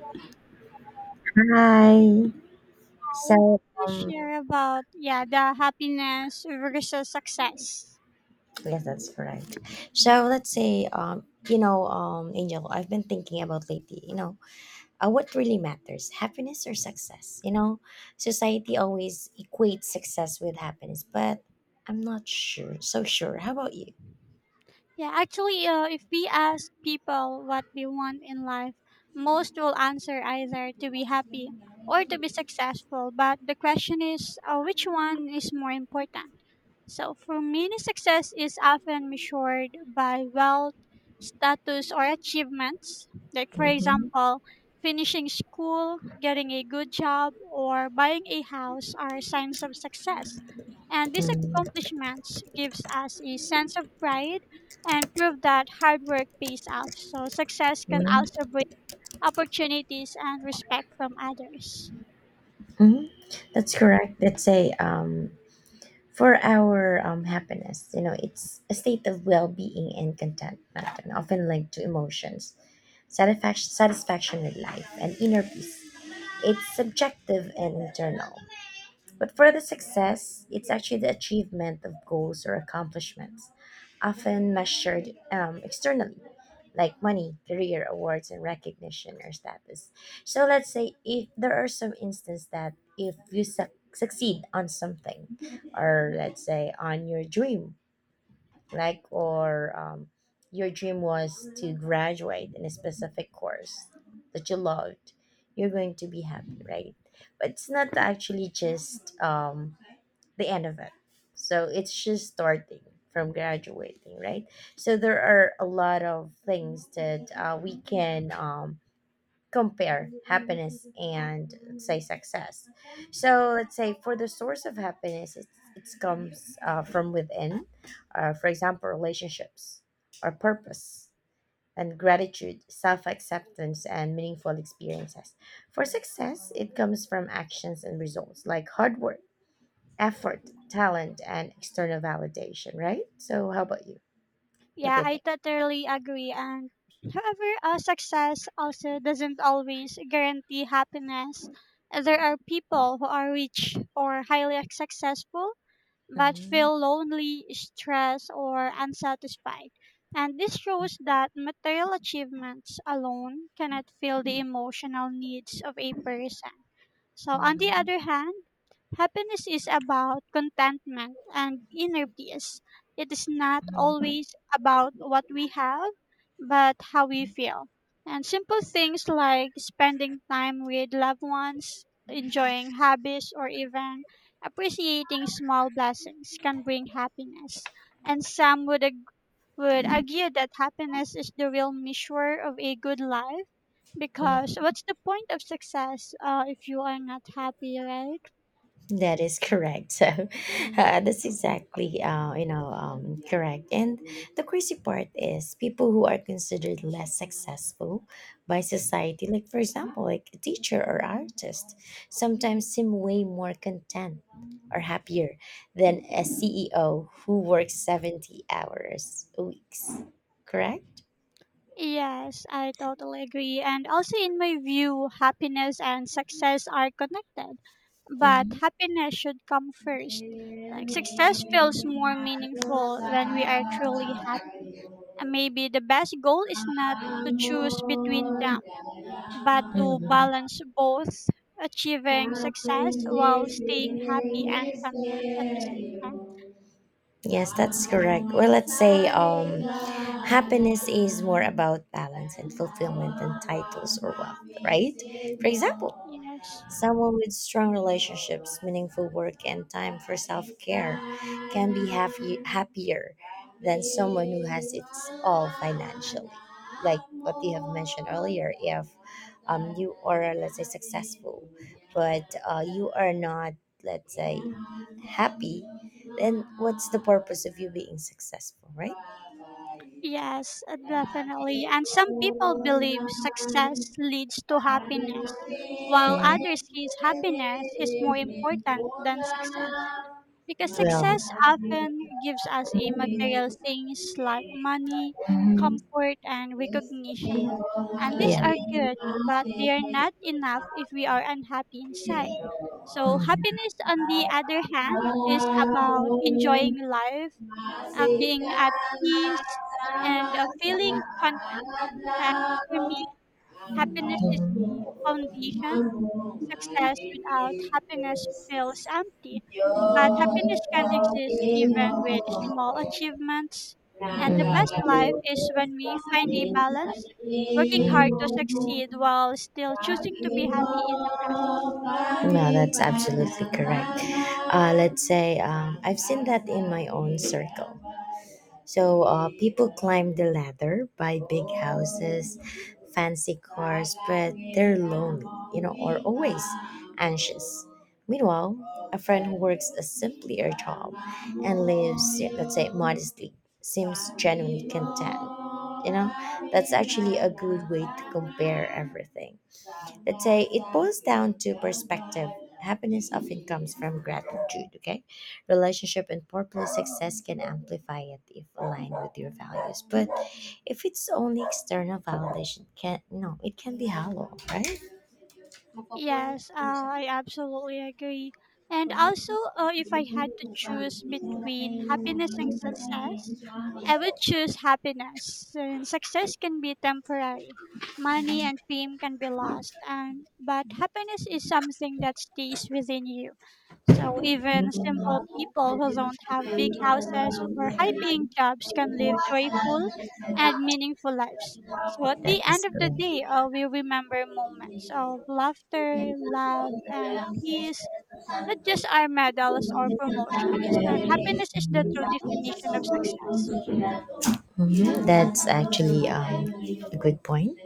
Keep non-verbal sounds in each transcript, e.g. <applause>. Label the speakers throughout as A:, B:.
A: Yes,
B: Hi.
A: I want
B: So,
A: to
B: um,
A: share about yeah the happiness versus success.
B: yes, that's correct. So let's say, you know, Angel, I've been thinking about lately, what really matters, happiness or success? Society always equates success with happiness, but I'm not sure, so sure. How about you?
A: Yeah, actually, if we ask people what they want in life, most will answer either to be happy or to be successful. But the question is, which one is more important? So for many, success is often measured by wealth, status, or achievements. Like, for
B: Mm-hmm.
A: example, finishing school, getting a good job, or buying a house are signs of success. And these
B: Mm-hmm.
A: accomplishments gives us a sense of pride and prove that hard work pays off. So success can also bring opportunities and respect from others.
B: Mm-hmm. That's correct. For our happiness. You know, it's a state of well-being and contentment, and often linked to emotions, satisfaction with life, and inner peace. It's subjective and internal, but for the success, it's actually the achievement of goals or accomplishments, often measured externally, like money, career, awards, and recognition or status. So let's say if there are some instances that if you succeed on something, or let's say on your dream, like or your dream was to graduate in a specific course that you loved, you're going to be happy, right? But it's not actually just the end of it. So it's just starting from graduating, right? So there are a lot of things that we can compare happiness and let's say success. So let's say for the source of happiness, it's, it it's comes from within. For example, relationships or purpose and gratitude, self acceptance, and meaningful experiences. For success, it comes from actions and results like hard work effort, talent, and external validation, right? So, how about you? What
A: Yeah,
B: do you
A: I
B: think?
A: totally agree. And however, success also doesn't always guarantee happiness. There are people who are rich or highly successful but
B: Mhm,
A: feel lonely, stressed, or unsatisfied. And this shows that material achievements alone cannot fill the emotional needs of a person. So, on the
B: mhm,
A: other hand, happiness is about contentment and inner peace. It is not
B: mhm,
A: always about what we have, but how we feel. And simple things like spending time with loved ones, enjoying hobbies, or even appreciating small blessings can bring happiness, and would argue that happiness is the real measure of a good life
B: mhm.
A: because what's the point of success if you are not happy, right?
B: That is correct. <laughs> So that's exactly correct. And the crazy part is people who are considered less successful by society, like for example, like a teacher or artist, sometimes seem way more content or happier than a CEO who works 70 hours a week. Correct?
A: Yes, I totally agree. And also, in my view, happiness and success are connected,
B: Mhm.
A: but
B: Mhm.
A: happiness should come first. Like, success feels more meaningful when we are truly happy. And maybe the best goal is not to choose between them, but to balance both, achieving success while staying happy and content at the same time.
B: Yes, that's correct. Well, let's say happiness is more about balance and fulfillment than titles or wealth, right? For example,
A: Yes.
B: someone with strong relationships, meaningful work, and time for self care can be happier than someone who has it all financially. Like what you have mentioned earlier, if you are, let's say, successful, but you are not, let's say, happy, then what's the purpose of you being successful, right?
A: Yes, definitely. And some people believe success leads to happiness, while
B: 嗯，
A: others see happiness is more important than success. Because
B: 对啊，
A: success often gives us a material things like money,
B: 嗯，
A: comfort, and recognition. And
B: 也，
A: these are good, but they are not enough if we are unhappy inside. So, happiness, on the other hand, is about
B: 嗯。
A: enjoying life, being at peace, and feeling
B: sama-sama
A: content. And for me, happiness is the foundation. Success without happiness feels empty, but happiness can exist even with small achievements. And the best life is when we find a balance, working hard to succeed while still choosing to be happy in the process.
B: No, that's absolutely correct. Let's say I've seen that in my own circle. So people climb the ladder, buy big houses, fancy cars, but they're lonely, you know, or always anxious. Meanwhile, a friend who works a simpler job and lives, yeah, let's say, modestly, seems genuinely content. You know, that's actually a good way to compare everything, let's say it boils down to perspective. Happiness often comes from gratitude, okay, relationship and purpose. Success can amplify it if aligned with your values, but if it's only external validation, can, no, it can be hollow, right?
A: Yes, I absolutely agree. And also, if I had to choose between happiness and success, I would choose happiness. And success can be temporary. Money and fame can be lost, and but happiness is something that stays within you. So even simple people who don't have big houses or high-paying jobs can live joyful
B: Mhm.
A: and meaningful lives. So at
B: That
A: the end
B: is
A: of the
B: cool.
A: day, we remember moments of laughter,
B: Mhm.
A: love, and peace, not just our medals or promotions. And happiness is the true definition of success.
B: That's actually a good point.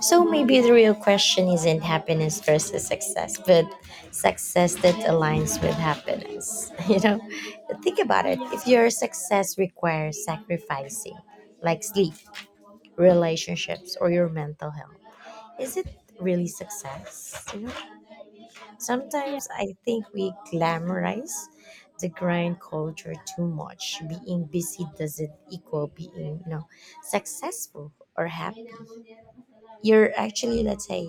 B: So maybe the real question isn't happiness versus success, but success that aligns with happiness. <laughs> You know, think about it. If
A: Yes.
B: your success requires sacrificing, like sleep, relationships, or your mental health, is it really success? You know? Sometimes I think we glamorize the grind culture too much. Being busy doesn't equal being, you know, successful or happy. You're actually, let's say,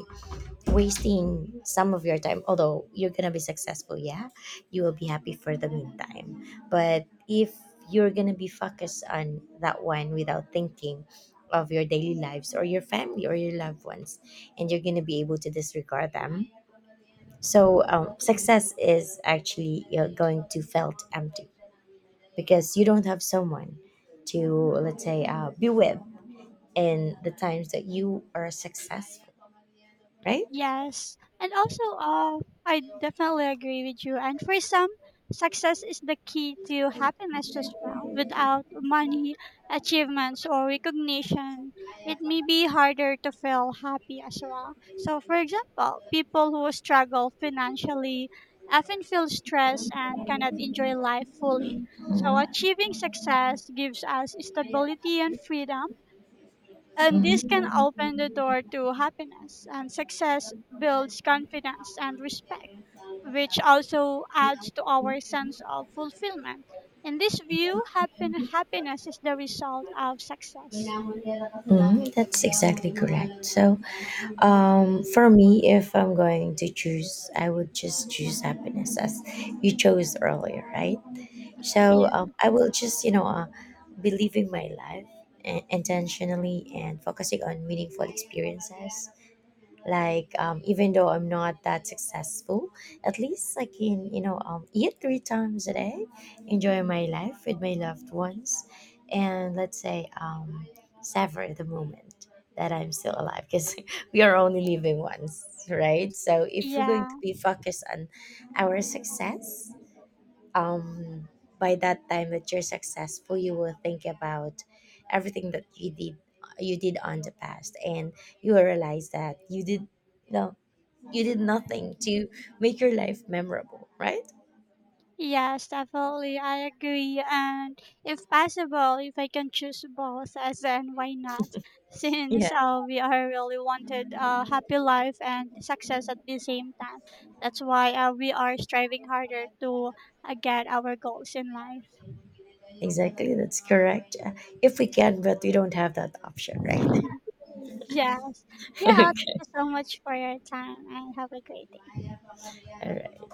B: wasting some of your time. Although you're gonna be successful, yeah, you will be happy for the meantime. But if you're gonna be focused on that one without thinking of your daily lives or your family or your loved ones, and you're gonna be able to disregard them, success is actually you're going to felt empty because you don't have someone to, let's say, be with in the times that you are successful, right?
A: Yes. And also, I definitely agree with you. And for some, success is the key to happiness as well. Without money, achievements, or recognition, it may be harder to feel happy as well. So, for example, people who struggle financially often feel stress and cannot enjoy life fully. So, achieving success gives us stability and freedom and this can open the door to happiness, and success builds confidence and respect, which also adds to our sense of fulfillment. In this view, happiness is the result of success.
B: Mhm, that's exactly correct. So, for me, if I'm going to choose, I would just choose happiness as you chose earlier, right? So
A: Yeah.
B: I will just, you know, be living my life intentionally and focusing on meaningful experiences. Even though I'm not that successful, at least I can, you know, eat three times a day, enjoy my life with my loved ones, and let's say savor the moment that I'm still alive because <laughs> we are only living once, right? So if we're going
A: Yeah.
B: to be focused on our success, um by that time that you're successful you will think about everything that you did on the past and you will realize that you know you did nothing to make your life memorable, right?
A: Yes, definitely. I agree. And if possible, if I can choose both, as then why not? <laughs>
B: Yeah,
A: Since we are really wanted a happy life and success at the same time. That's why we are striving harder to get our goals in life. <laughs>
B: exactly, that's correct. If we can, but we don't have that option, right?
A: Yes.
B: <laughs>
A: Yeah,
B: Okay.
A: thank you so much for your time and have a great day.
B: All right.